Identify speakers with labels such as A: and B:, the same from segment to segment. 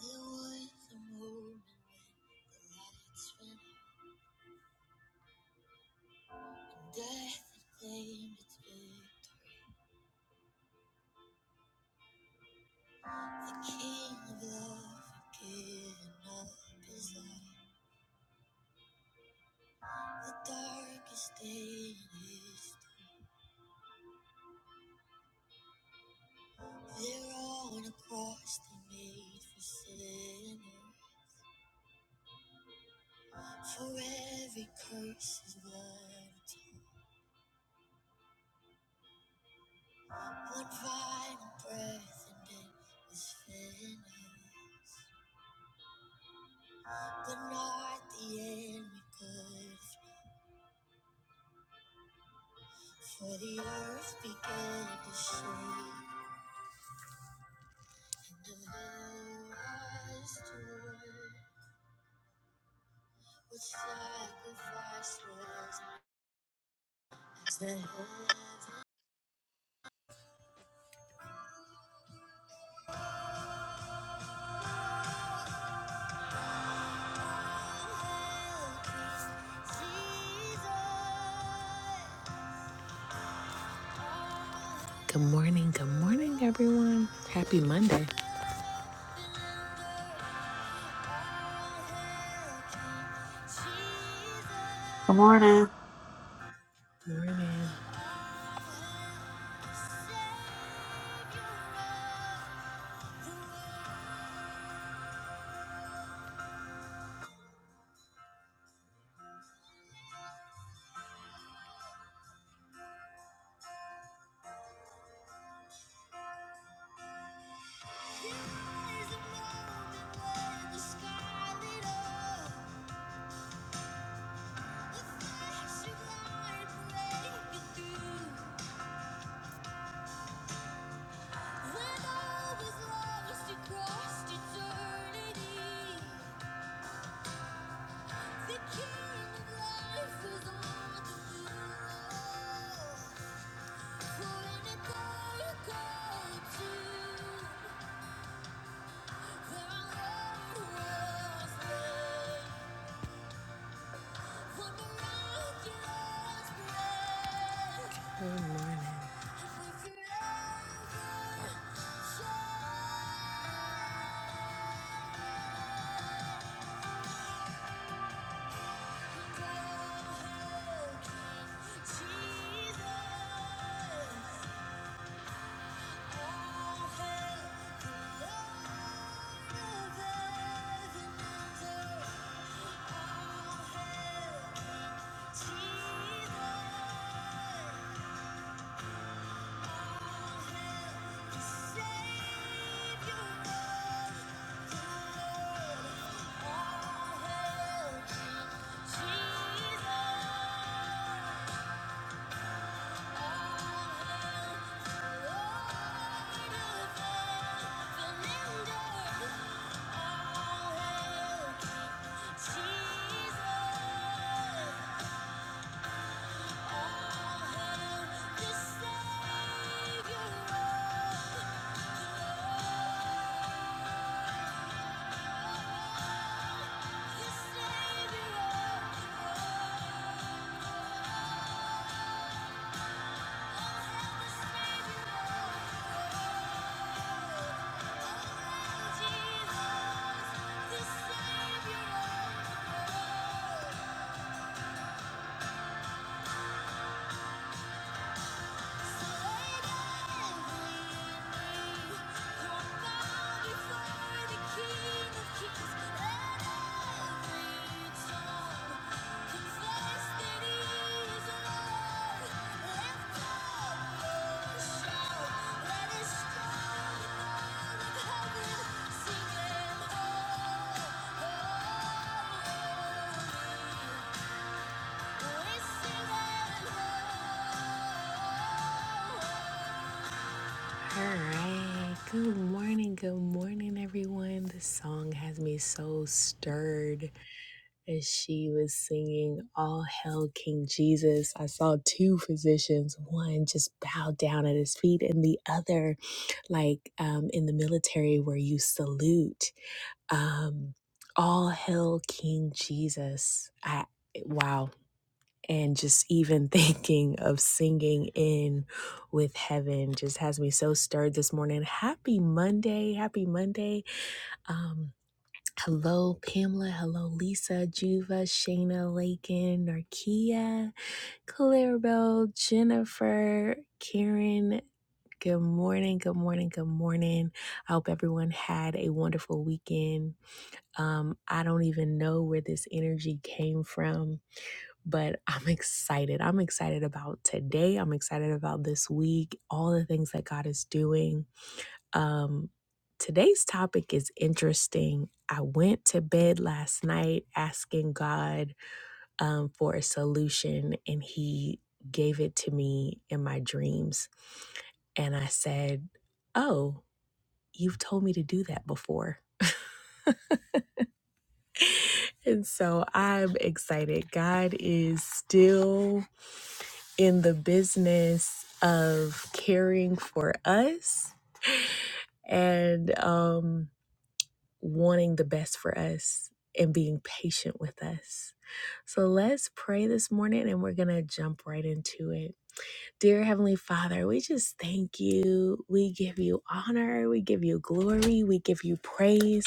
A: There was a moment the lights went and death had claimed its victory. The king of love had given up his life. The darkest day in history. There on a cross they made for sinners. For every curse is one tear. One violent breath and it was finished. But not the end we could For the earth began to shake, and the man rise to What sacrifice was as the heaven? Good morning, good morning, everyone. Happy Monday.
B: Good morning.
A: Morning. Good morning. Jesus. Jesus, the Savior of the world. Sing him, oh, oh, holy. All right. Good morning. Good morning, everyone. This song has me so stirred as she was singing All Hail King Jesus. I saw two physicians, one just bowed down at his feet, and the other, like um, in the military, where you salute. Um, All Hail King Jesus. I, wow and just even thinking of singing in with heaven just has me so stirred this morning. Happy Monday. Happy Monday. Um, hello, Pamela. Hello, Lisa, Juva, Shayna, Lakin, Narkia, Clarabelle, Jennifer, Karen. Good morning. Good morning. Good morning. I hope everyone had a wonderful weekend. Um, I don't even know where this energy came from but I'm excited. I'm excited about today. I'm excited about this week, all the things that God is doing. Um, today's topic is interesting. I went to bed last night asking God um, for a solution, and He gave it to me in my dreams. And I said, Oh, you've told me to do that before. and so I'm excited. God is still in the business of caring for us and um, wanting the best for us and being patient with us. So let's pray this morning and we're going to jump right into it. Dear Heavenly Father, we just thank you. We give you honor. We give you glory. We give you praise.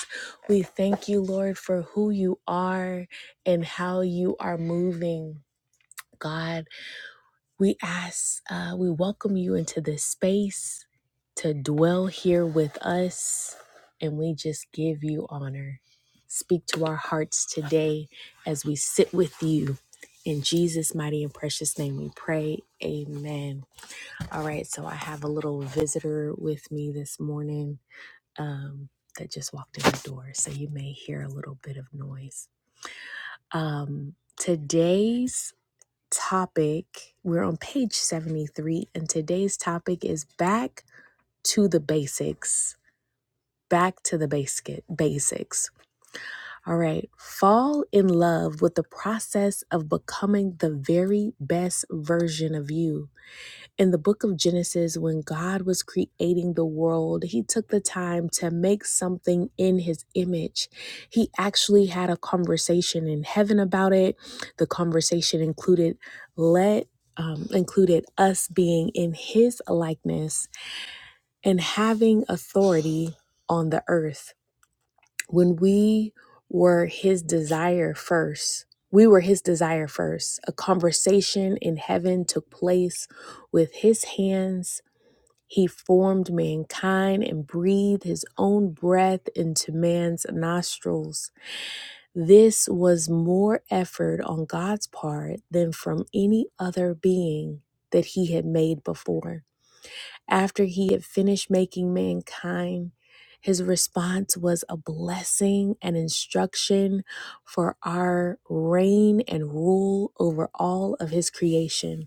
A: We thank you, Lord, for who you are and how you are moving. God, We ask, uh, we welcome you into this space to dwell here with us, and we just give you honor. Speak to our hearts today as we sit with you. In Jesus' mighty and precious name we pray. Amen. All right, so I have a little visitor with me this morning um, that just walked in the door, so you may hear a little bit of noise. Um, today's topic. We're on page 73, and today's topic is back to the basics. Back to the basic basics. All right. Fall in love with the process of becoming the very best version of you in the book of Genesis, when God was creating the world, he took the time to make something in his image. He actually had a conversation in heaven about it. The conversation included let um, included us being in his likeness and having authority on the earth. When we were his desire first, we were his desire first. A conversation in heaven took place with his hands he formed mankind and breathed his own breath into man's nostrils. This was more effort on God's part than from any other being that he had made before. After he had finished making mankind, his response was a blessing and instruction for our reign and rule over all of his creation.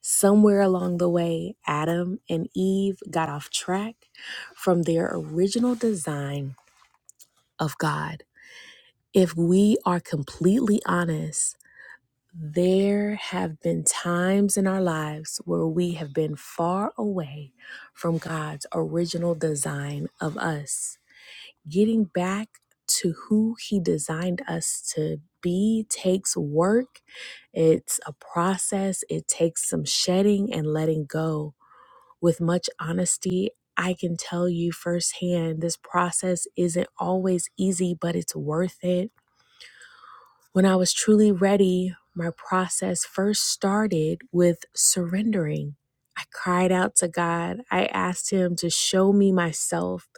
A: Somewhere along the way, Adam and Eve got off track from their original design of God. If we are completely honest, there have been times in our lives where we have been far away from God's original design of us. Getting back to who He designed us to be takes work, it's a process, it takes some shedding and letting go with much honesty, I can tell you firsthand this process isn't always easy, but it's worth it. When I was truly ready, my process first started with surrendering. I cried out to God. I asked Him to show me myself.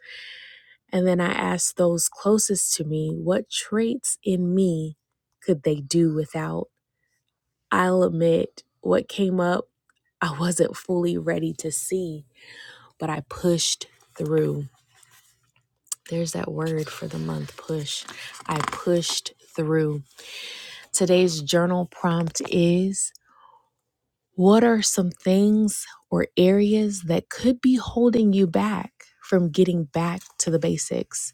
A: And then I asked those closest to me, what traits in me could they do without? I'll admit what came up, I wasn't fully ready to see, but I pushed through. There's that word for the month push. I pushed through. Today's journal prompt is What are some things or areas that could be holding you back from getting back to the basics?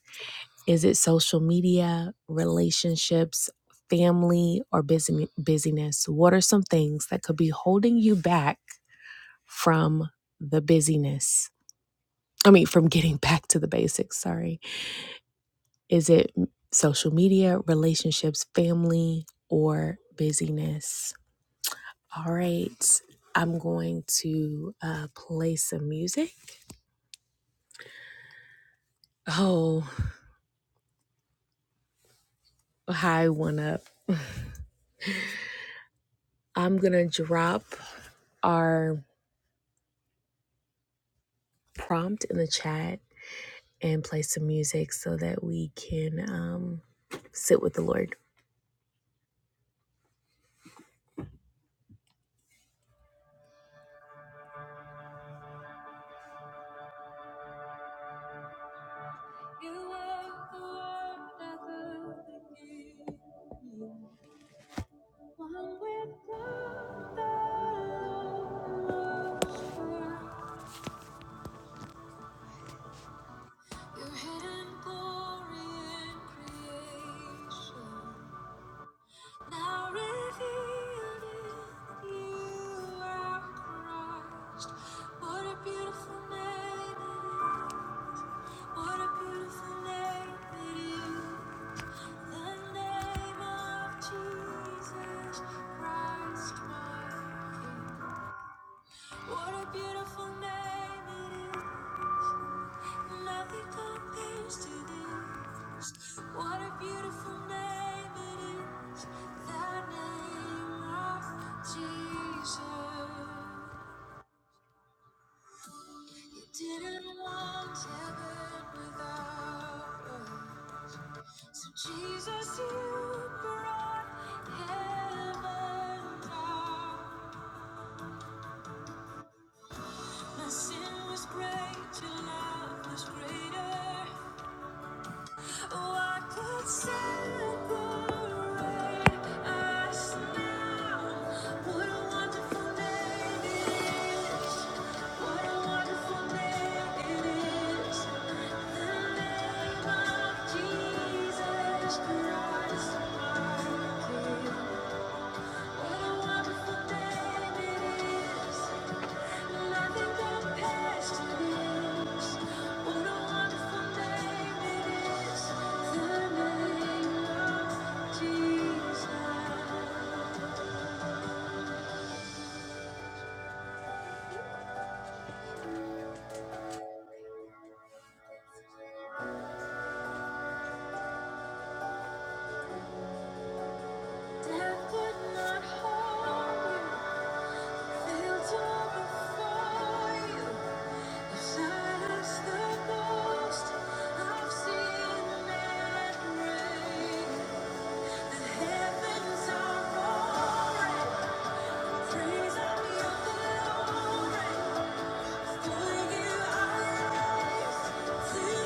A: Is it social media, relationships, family, or busy- busyness? What are some things that could be holding you back from the busyness? I mean, from getting back to the basics, sorry. Is it social media, relationships, family, or busyness? All right. I'm going to uh, play some music. Oh, hi, one up. I'm going to drop our prompt in the chat and play some music so that we can um, sit with the Lord. You are the one that will begin. One with the Lord was Your hidden glory in creation, now revealed in you are Christ. What a beautiful name it is. What a beautiful name it is. The name of Jesus Christ, my King. What a beautiful name it is. Nothing compares to this. What a beautiful name it is. The name of Jesus. You didn't want heaven without us. So Jesus, you brought heaven down. My sin was great, your love was greater. What could separate us now? What a wonderful day it is. What a wonderful day it is. The name of Jesus Christ, my King. What a wonderful day it is. What a wonderful name it is, the name of Jesus. Death could not hold you, fields open for you. Silence the ghost of sin and grave. The heavens are roaring, praise of your glory. For you are Thank you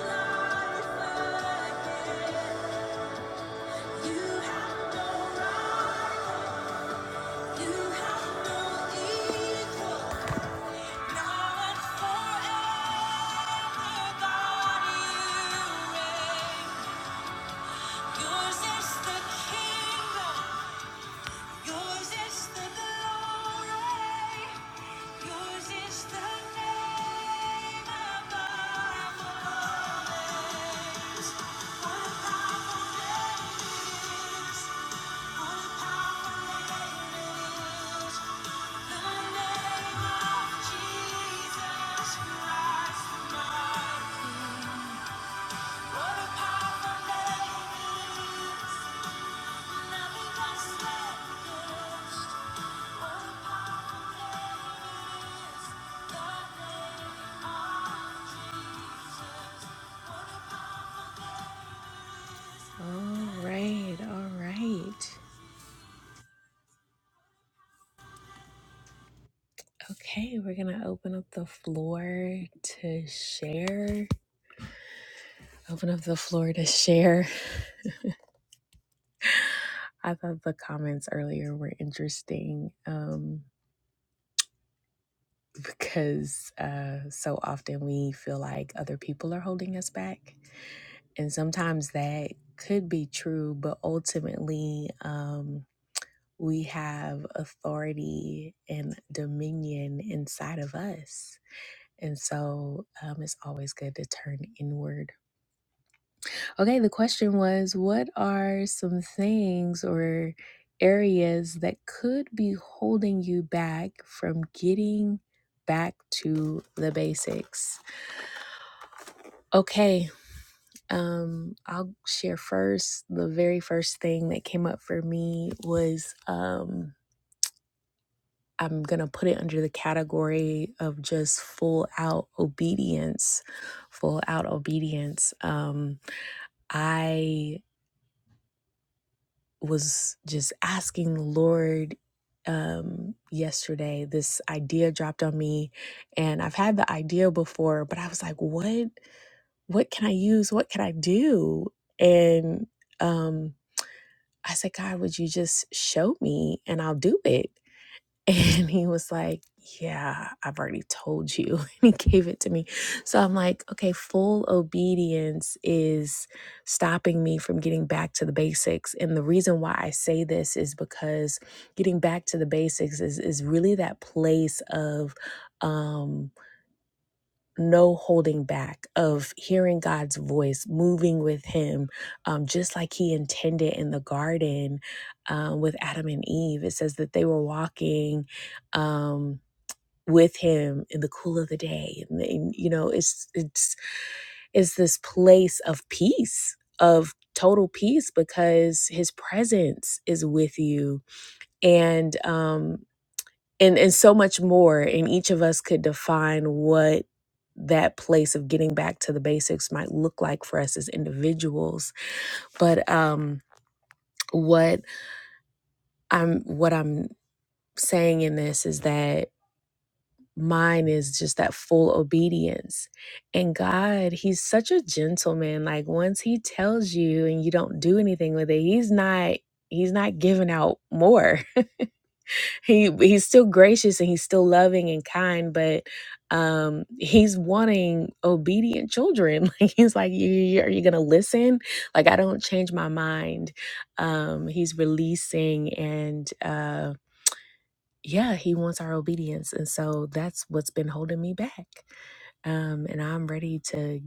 A: All right, all right. Okay, we're gonna open up the floor to share. Open up the floor to share. I thought the comments earlier were interesting. Um, because uh, so often we feel like other people are holding us back. And sometimes that could be true, but ultimately, um, we have authority and dominion inside of us. And so um, it's always good to turn inward Okay, the question was what are some things or areas that could be holding you back from getting back to the basics? Okay, um I'll share first. The very first thing that came up for me was um I'm going to put it under the category of just full out obedience. Full out obedience. Um I was just asking the Lord um yesterday this idea dropped on me and I've had the idea before but I was like what what can I use what can I do and um I said God would you just show me and I'll do it and he was like, Yeah, I've already told you. And he gave it to me. So I'm like, Okay, full obedience is stopping me from getting back to the basics. And the reason why I say this is because getting back to the basics is, is really that place of, um no holding back of hearing God's voice, moving with Him, um, just like He intended in the garden um, with Adam and Eve. It says that they were walking um, with Him in the cool of the day, and, and, you know, it's it's it's this place of peace, of total peace, because His presence is with you, and um, and and so much more and each of us could define what that place of getting back to the basics might look like for us as individuals but um what i'm what i'm saying in this is that mine is just that full obedience and god he's such a gentleman like once he tells you and you don't do anything with it he's not he's not giving out more he he's still gracious and he's still loving and kind but um he's wanting obedient children like he's like you you- are you gonna listen like i don't change my mind um he's releasing and uh yeah he wants our obedience and so that's what's been holding me back um and i'm ready to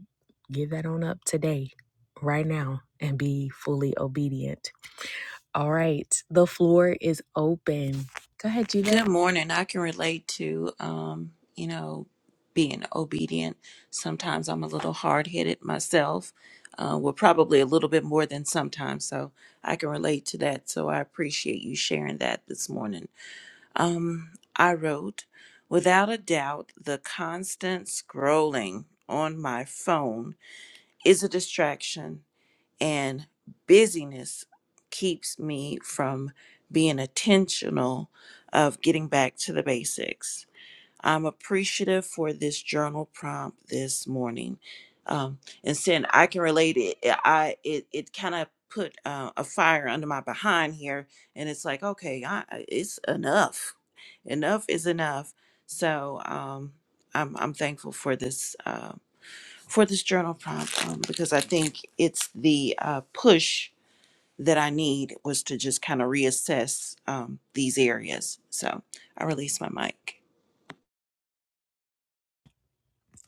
A: give that on up today right now and be fully obedient all right the floor is open go ahead jiva
C: Good morning. I can relate to, um, you know, being obedient. Sometimes I'm a little hard headed myself. Uh, well, probably a little bit more than sometimes. So I can relate to that. So I appreciate you sharing that this morning. Um, I wrote, without a doubt, the constant scrolling on my phone is a distraction and busyness keeps me from being intentional of getting back to the basics. I'm appreciative for this journal prompt this morning. Um, and saying I can relate it, eh, I it, it kind of put uh, a fire under my behind here, and it's like okay, I, I- it's enough. Enough is enough. So um, I'm I'm thankful for this. Um, for this journal prompt um, because I think it's the uh, push that I need was to just kind of reassess um, these areas. So I release my mic.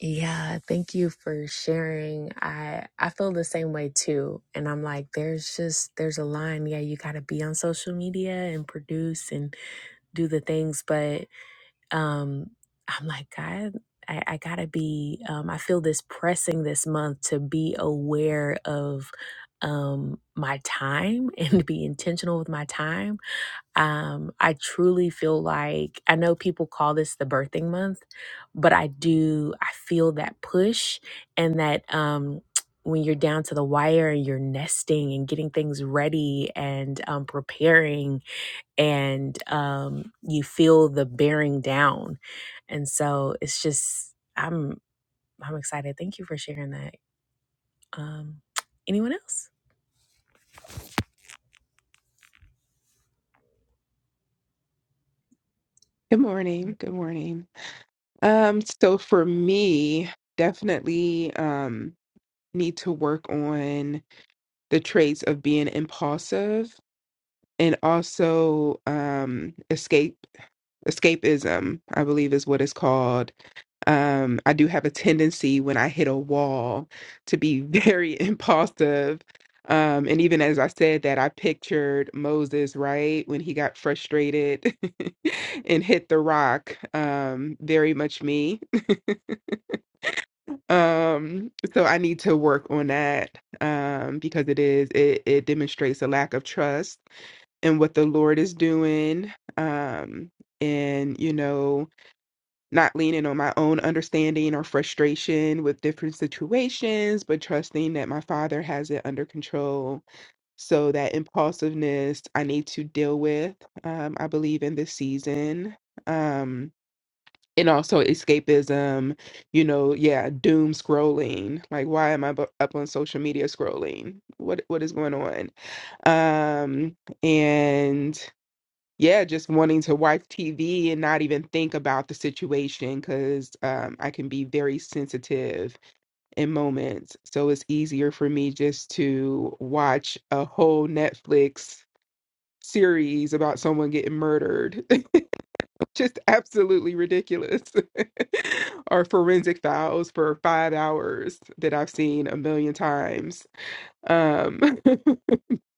A: Yeah, thank you for sharing. I I feel the same way too. And I'm like there's just there's a line, yeah, you got to be on social media and produce and do the things, but um I'm like God I, I gotta be um, i feel this pressing this month to be aware of um, my time and to be intentional with my time Um, I truly feel like I know people call this the birthing month, but I do, I feel that push and that um, when you're down to the wire and you're nesting and getting things ready and um, preparing, and um, you feel the bearing down. And so it's just, I'm, I'm excited. Thank you for sharing that. Um, anyone else?
D: Good morning. Good morning. Um, so for me, definitely um need to work on the traits of being impulsive and also um escape escapism, I believe is what it's called. Um, I do have a tendency when I hit a wall to be very impulsive. Um, and even as I said that, I pictured Moses, right, when he got frustrated and hit the rock. Um, very much me. Um, so I need to work on that um, because it is it, it demonstrates a lack of trust in what the Lord is doing. Um, and you know not leaning on my own understanding or frustration with different situations, but trusting that my father has it under control. So that impulsiveness I need to deal with, um, I believe, in this season. Um, and also escapism, you know, yeah, doom scrolling. Like, why am I bu- up on social media scrolling? What what is going on? Um, and yeah, just wanting to watch TV and not even think about the situation because um, I can be very sensitive in moments. So it's easier for me just to watch a whole Netflix series about someone getting murdered. just absolutely ridiculous. or forensic files for five hours that I've seen a million times. Um,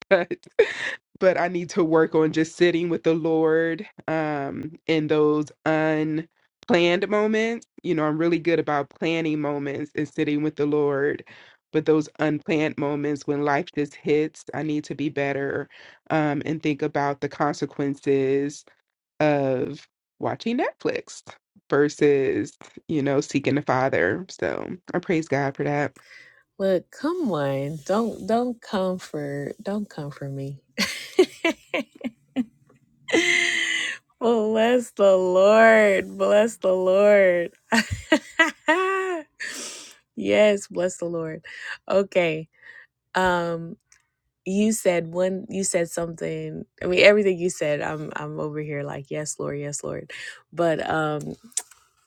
D: but but I need to work on just sitting with the Lord um in those unplanned moments. You know, I'm really good about planning moments and sitting with the Lord, but those unplanned moments when life just hits, I need to be better um and think about the consequences of watching Netflix versus, you know, seeking the Father. So I praise God for that.
A: Look, come on. Don't don't come for don't come for me. Bless the Lord. Bless the Lord. yes, bless the Lord. Okay. Um you said one you said something. I mean everything you said, I'm I'm over here like yes, Lord, yes, Lord. But um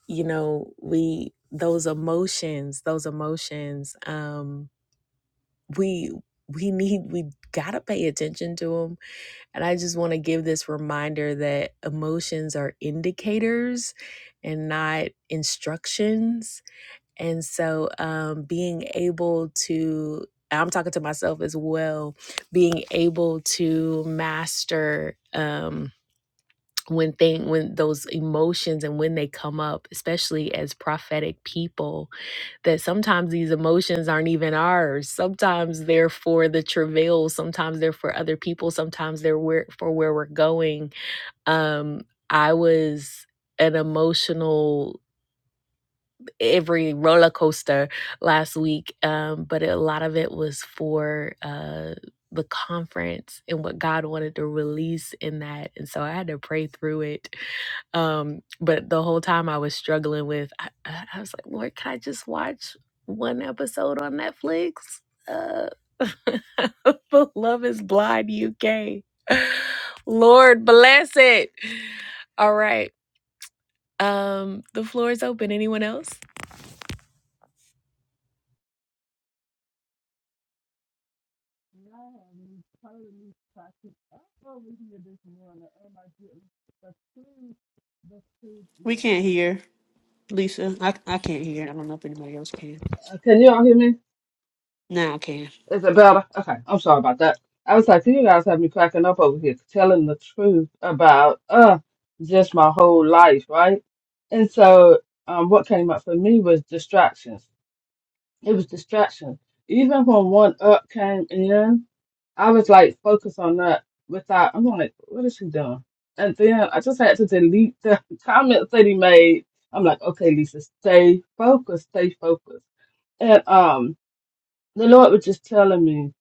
A: you know, we those emotions, those emotions um we we need we got to pay attention to them and I just want to give this reminder that emotions are indicators and not instructions. And so um, being able to, I'm talking to myself as well, being able to master. Um, when thing when those emotions and when they come up especially as prophetic people that sometimes these emotions aren't even ours sometimes they're for the travail sometimes they're for other people sometimes they're where, for where we're going um i was an emotional every roller coaster last week um but a lot of it was for uh the conference and what God wanted to release in that. And so I had to pray through it um, but the whole time I was struggling with, I, I I was like, Lord, can I just watch one episode on Netflix? Uh, for Love is Blind UK. Lord bless it. All right. Um, the floor is open. Anyone else?
E: Now I'm tired of these toxic. I'm over here this morning. Oh my goodness. The food, the food,
B: We can't
E: yeah.
B: hear, Lisa. I, I can't hear. I don't know if anybody else can.
E: Uh, Can y'all hear me?
B: Now I can.
E: Is it better? Okay. I'm sorry about that. I was like, you guys have me cracking up over here, telling the truth about uh just my whole life, right? And so, um, what came up for me was distractions It was distraction. Even when one up came in, I was like focused on that without I'm like, what is he doing? And then I just had to delete the comments that he made. I'm like, okay, Lisa, stay focused, stay focused. And um the Lord was just telling me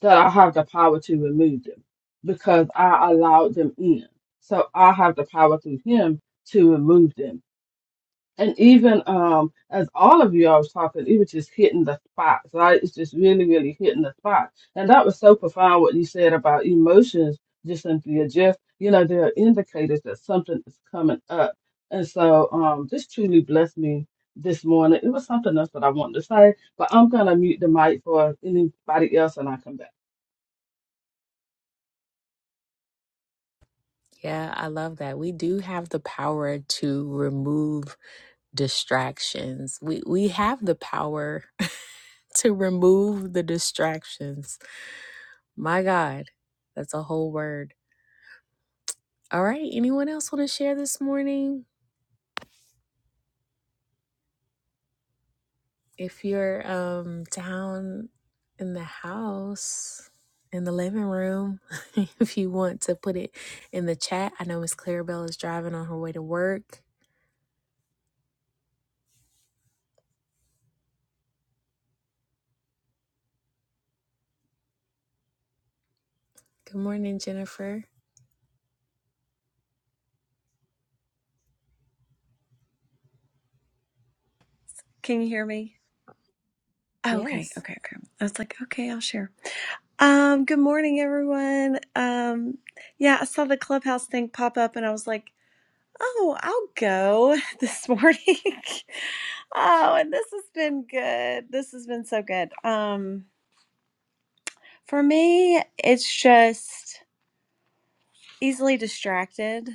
E: that I have the power to remove them because I allowed them in. So I have the power through him to remove them and even um as all of you I was talking, it was just hitting the spot, right? It's just really, really hitting the spot. And that was so profound what you said about emotions, just Cynthia. Just you know, there are indicators that something is coming up. And so um this truly blessed me this morning. It was something else that I wanted to say, but I'm gonna mute the mic for anybody else and I come back.
A: Yeah, I love that. We do have the power to remove distractions. We we have the power to remove the distractions. My God, that's a whole word All right. Anyone else want to share this morning? If you're um, down in the house, in the living room, if you want to put it in the chat, I know Miss Clarabelle is driving on her way to work. Good morning, Jennifer.
F: Can you hear me? Okay,
A: Yes.
F: okay, okay. I was like, okay, I'll share. Um, good morning, everyone. Um, yeah, I saw the clubhouse thing pop up and I was like, oh, I'll go this morning. oh, and this has been good. This has been so good. Um, for me, it's just easily distracted,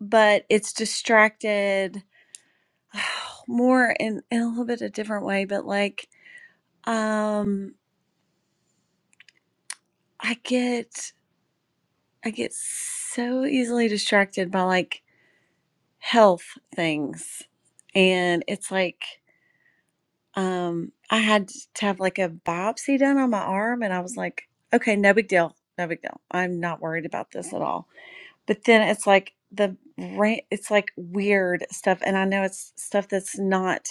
F: but it's distracted more in, in a little bit a different way, but like, um, I get. I get so easily distracted by like health things. And it's like, um, I had to have like a biopsy done on my arm, and I was like, okay, no big deal. No big deal. I'm not worried about this at all. But then it's like the ra- it's like weird stuff. And I know it's stuff that's not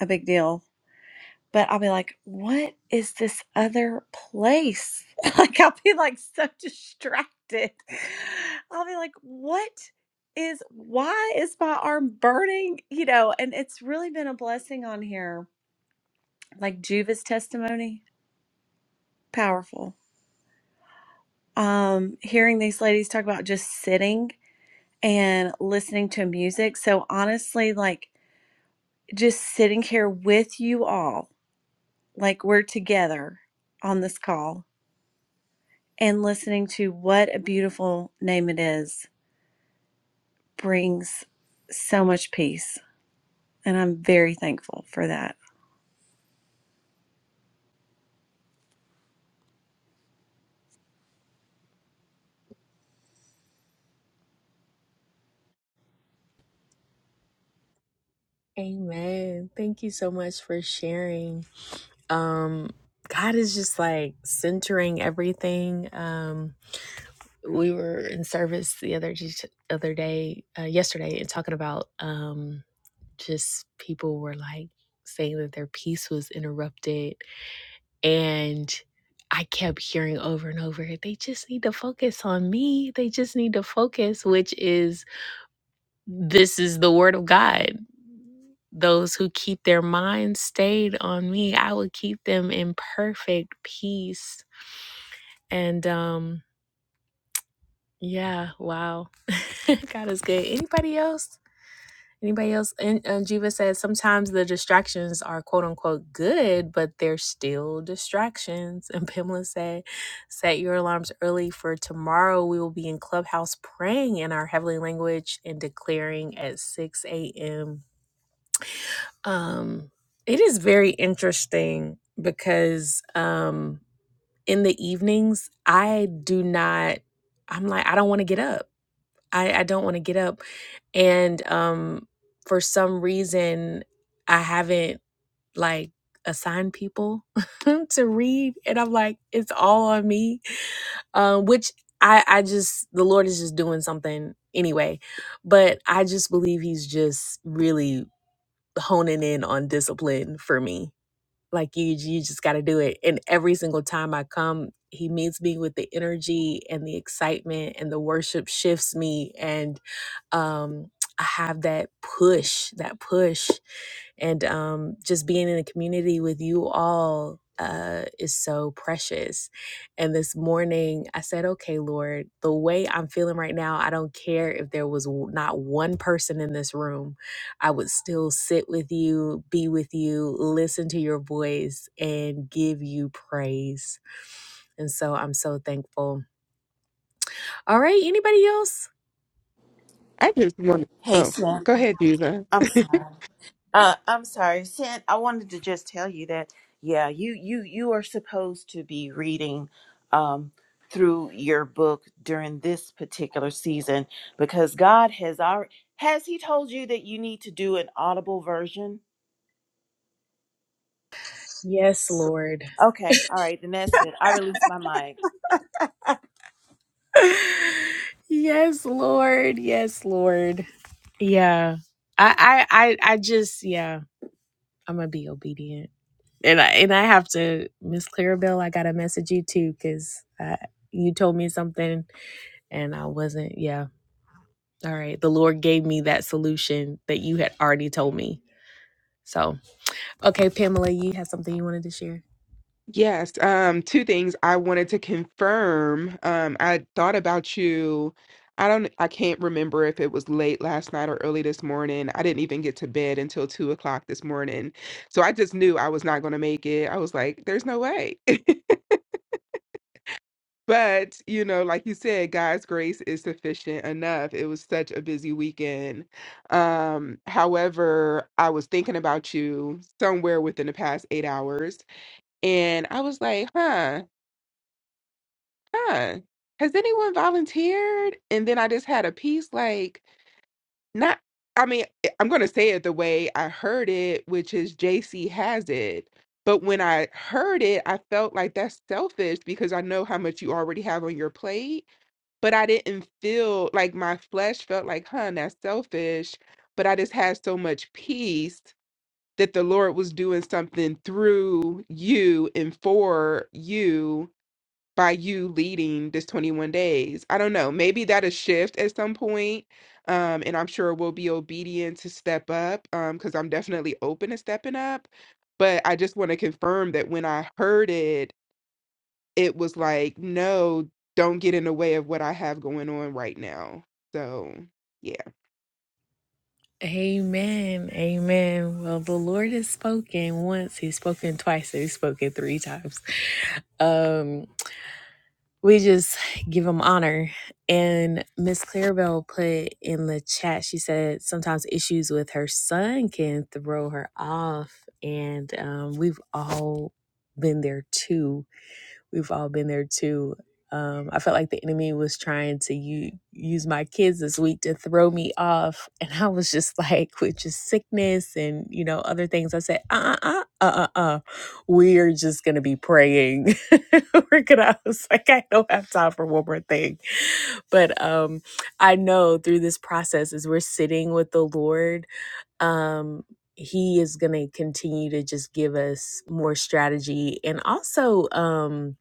F: a big deal but I'll be like, what is this other place? like, I'll be like so distracted. I'll be like, what is, why is my arm burning? You know, and it's really been a blessing on here. Like Juva's testimony, powerful. Um, hearing these ladies talk about just sitting and listening to music. So honestly, like just sitting here with you all, like we're together on this call and listening to what a beautiful name it is brings so much peace. And I'm very thankful for that.
A: Amen. Thank you so much for sharing. Um, God is just like centering everything. Um, we were in service the other other day, uh, yesterday, and talking about. Um, just people were like saying that their peace was interrupted and I kept hearing over and over they just need to focus on me they just need to focus which is this is the word of God those who keep their minds stayed on me I will keep them in perfect peace and um yeah wow God is good anybody else Anybody else? And, and Jiva says sometimes the distractions are quote unquote good, but they're still distractions. And Pamela said, set your alarms early for tomorrow. We will be in Clubhouse praying in our heavenly language and declaring at 6 a.m. Um, it is very interesting because um, in the evenings, I do not, I'm like, I don't want to get up. I, I don't want to get up. And um, for some reason, I haven't like assigned people to read. And I'm like, it's all on me, um, which I, I just, the Lord is just doing something anyway. But I just believe He's just really honing in on discipline for me like you you just got to do it and every single time i come he meets me with the energy and the excitement and the worship shifts me and um i have that push that push and um just being in a community with you all uh is so precious and this morning i said okay lord the way i'm feeling right now i don't care if there was w- not one person in this room I would still sit with you, be with you, listen to your voice, and give you praise. And so I'm so thankful. All right, anybody else?
D: I just want to,
C: Hey,
D: oh,
C: Sin.
D: go ahead, Juva.
C: I'm sorry. Uh, I'm sorry, Sin. I wanted to just tell you that yeah, you you you are supposed to be reading um, through your book during this particular season because God has already has He told you that you need to do an audible version.
A: Yes, Lord.
C: Okay, all right, then that's it. I release my mic.
A: yes, Lord. Yes, Lord. Yeah. I I I, I just yeah, I'm gonna be obedient. And I and I have to Miss Clarabelle, I gotta message you too, because you told me something and I wasn't. Yeah. All right. The Lord gave me that solution that you had already told me. So, okay, Pamela, you have something you wanted to share?
D: Yes, um, two things I wanted to confirm. Um, I thought about you. I don't, I can't remember if it was late last night or early this morning. I didn't even get to bed until two o'clock this morning. So I just knew I was not going to make it. I was like, there's no way. But, you know, like you said, God's grace is sufficient enough. It was such a busy weekend. Um, however, I was thinking about you somewhere within the past eight hours. And I was like, huh. Yeah. Has anyone volunteered? And then I just had a piece like not I mean, eh, I'm gonna say it the way I heard it, which is JC has it. But when I heard it, I felt like that's selfish because I know how much you already have on your plate. But I didn't feel like my flesh felt like, huh, that's selfish. But I just had so much peace that the Lord was doing something through you and for you by you leading this 21 days. I don't know. Maybe that'll shift at some point, Um, and I'm sure we'll be obedient to step up um, because I'm definitely open to stepping up. But I just want to confirm that when I heard it, it was like, no, don't get in the way of what I have going on right now. So, yeah,
A: Amen. Amen. Well, the Lord has spoken once, He's spoken twice, and He's spoken three times. Um, we just give them honor. And Miss Clarabelle put in the chat, she said sometimes issues with her son can throw her off. And um, we've all been there too We've all been there too. Um, I felt like the enemy was trying to u- use my kids this week to throw me off. And I was just like, with just sickness and, you know, other things, I said, uh uh uh uh uh, uh. we are just going to be praying. We're going to, I was like, I don't have time for one more thing. But um, I know through this process, as we're sitting with the Lord, um, he is going to continue to just give us more strategy and also, um,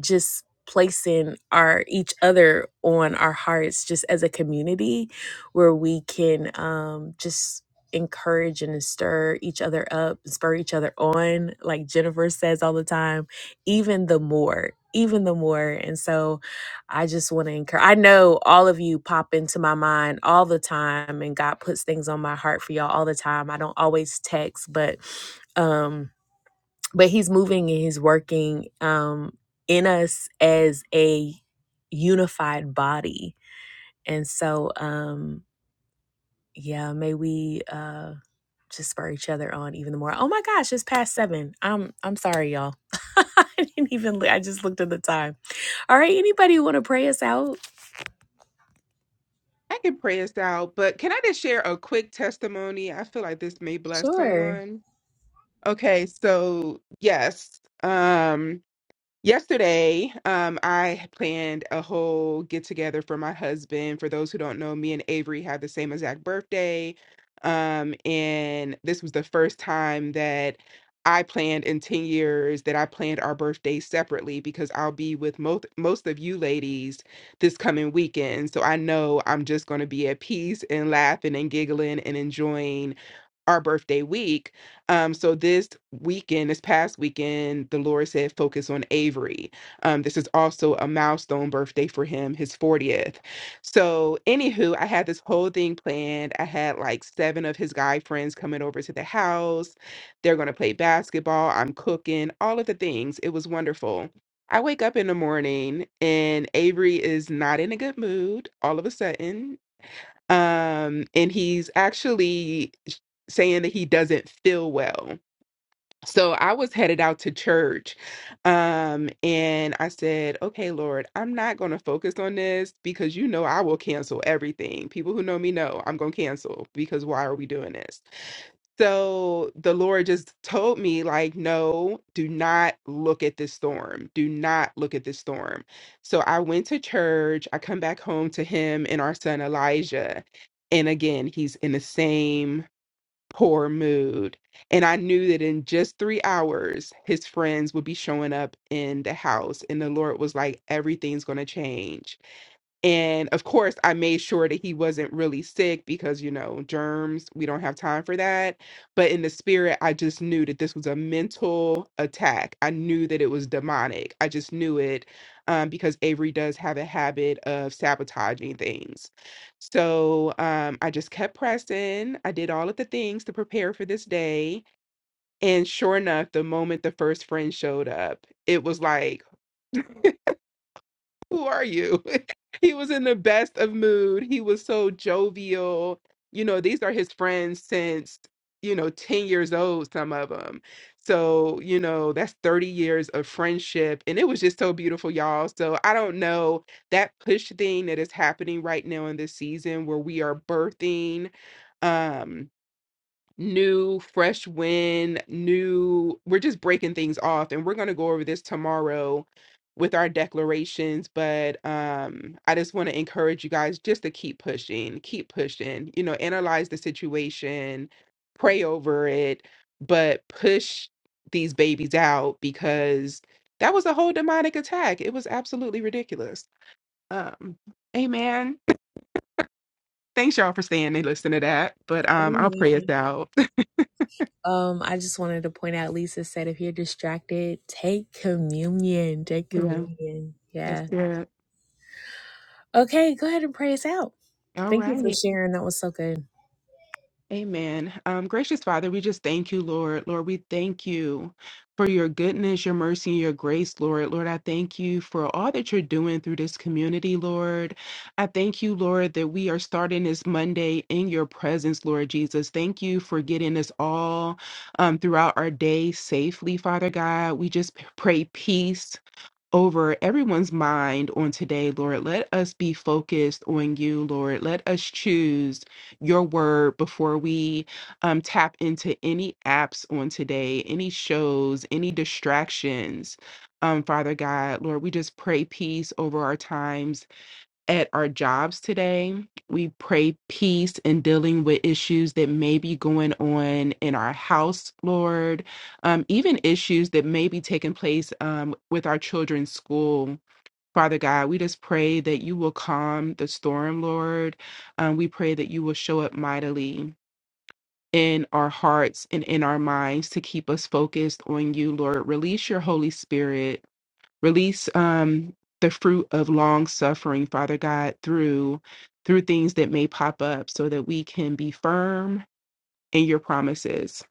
A: just placing our each other on our hearts just as a community where we can um just encourage and stir each other up spur each other on like jennifer says all the time even the more even the more and so i just want to encourage i know all of you pop into my mind all the time and god puts things on my heart for y'all all the time i don't always text but um but he's moving and he's working um in us as a unified body and so um yeah may we uh just spur each other on even more oh my gosh it's past seven i'm i'm sorry y'all i didn't even look- i just looked at the time all right anybody want to pray us out
D: I can pray us out. But can I just share a quick testimony? I feel like this may bless
A: sure
D: someone. Okay, so yes. Um, Yesterday, um, I had planned a whole get together for my husband. For those who don't know, me and Avery had the same exact birthday. Um, and this was the first time that I planned in 10 years that I planned our birthdays separately because I'll be with most most of you ladies this coming weekend. So I know I'm just going to be at peace and laughing and giggling and enjoying our birthday week. Um, so this weekend, this past weekend, the Lord said focus on Avery. Um, this is also a milestone birthday for him, his 40th. So, anywho, I had this whole thing planned. I had like seven of his guy friends coming over to the house. They're gonna play basketball. I'm cooking, all of the things. It was wonderful. I wake up in the morning and Avery is not in a good mood all of a sudden um and he's actually saying that he doesn't feel well so I was headed out to church. Um, and I said, okay, Lord, I'm not going to focus on this because you know I will cancel everything. People who know me know I'm going to cancel because why are we doing this? So the Lord just told me, like, no, do not look at this storm. Do not look at this storm. So I went to church. I come back home to him and our son Elijah. And again, he's in the same poor mood. And I knew that in just three hours, his friends would be showing up in the house. And the Lord was like, everything's going to change and of course, I made sure that he wasn't really sick because, you know, germs, we don't have time for that. But in the spirit, I just knew that this was a mental attack. I knew that it was demonic. I just knew it um, because Avery does have a habit of sabotaging things. So um, I just kept pressing. I did all of the things to prepare for this day. And sure enough, the moment the first friend showed up, it was like, who are you? he was in the best of mood. He was so jovial. You know, these are his friends since, you know, 10 years old, some of them. So, you know, that's 30 years of friendship. And it was just so beautiful, y'all. So I don't know that push thing that is happening right now in this season where we are birthing. Um, new fresh wind new we're just breaking things off and we're going to go over this tomorrow with our declarations but um i just want to encourage you guys just to keep pushing keep pushing you know analyze the situation pray over it but push these babies out because that was a whole demonic attack it was absolutely ridiculous um amen thanks y'all for staying and listening to that but um i'll pray us
A: amen
D: out
A: um i just wanted to point out lisa said if you're distracted take communion take
D: yeah
A: communion
D: that's
A: yeah
D: good
A: okay go ahead and pray us out
D: All
A: Thank you for
D: right.
A: sharing. That was so good.
D: Amen. Um, gracious Father, we just thank you, Lord. Lord, we thank you for your goodness, your mercy, and your grace, Lord. Lord, I thank you for all that you're doing through this community, Lord. I thank you, Lord, that we are starting this Monday in your presence, Lord Jesus. Thank you for getting us all um, throughout our day safely, Father God. We just p- pray peace over everyone's mind on today, Lord. Let us be focused on you, Lord. Let us choose your word before we um, tap into any apps on today, any shows, any distractions. Um, Father God, Lord, we just pray peace over our times at our jobs today. We pray peace in dealing with issues that may be going on in our house, Lord, um, even issues that may be taking place um, with our children's school. Father God, we just pray that you will calm the storm, Lord. Um, we pray that you will show up mightily in our hearts and in our minds to keep us focused on you, Lord. Release your Holy Spirit release um the fruit of long suffering father god through through things that may pop up so that we can be firm in your promises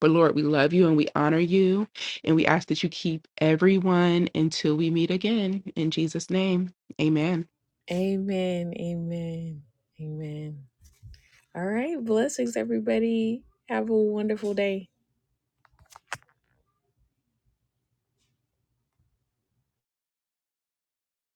D: but lord we love you and we honor you and we ask that you keep everyone until we meet again in jesus name amen
A: Amen. Amen. Amen. All right. Blessings, everybody. Have a wonderful day.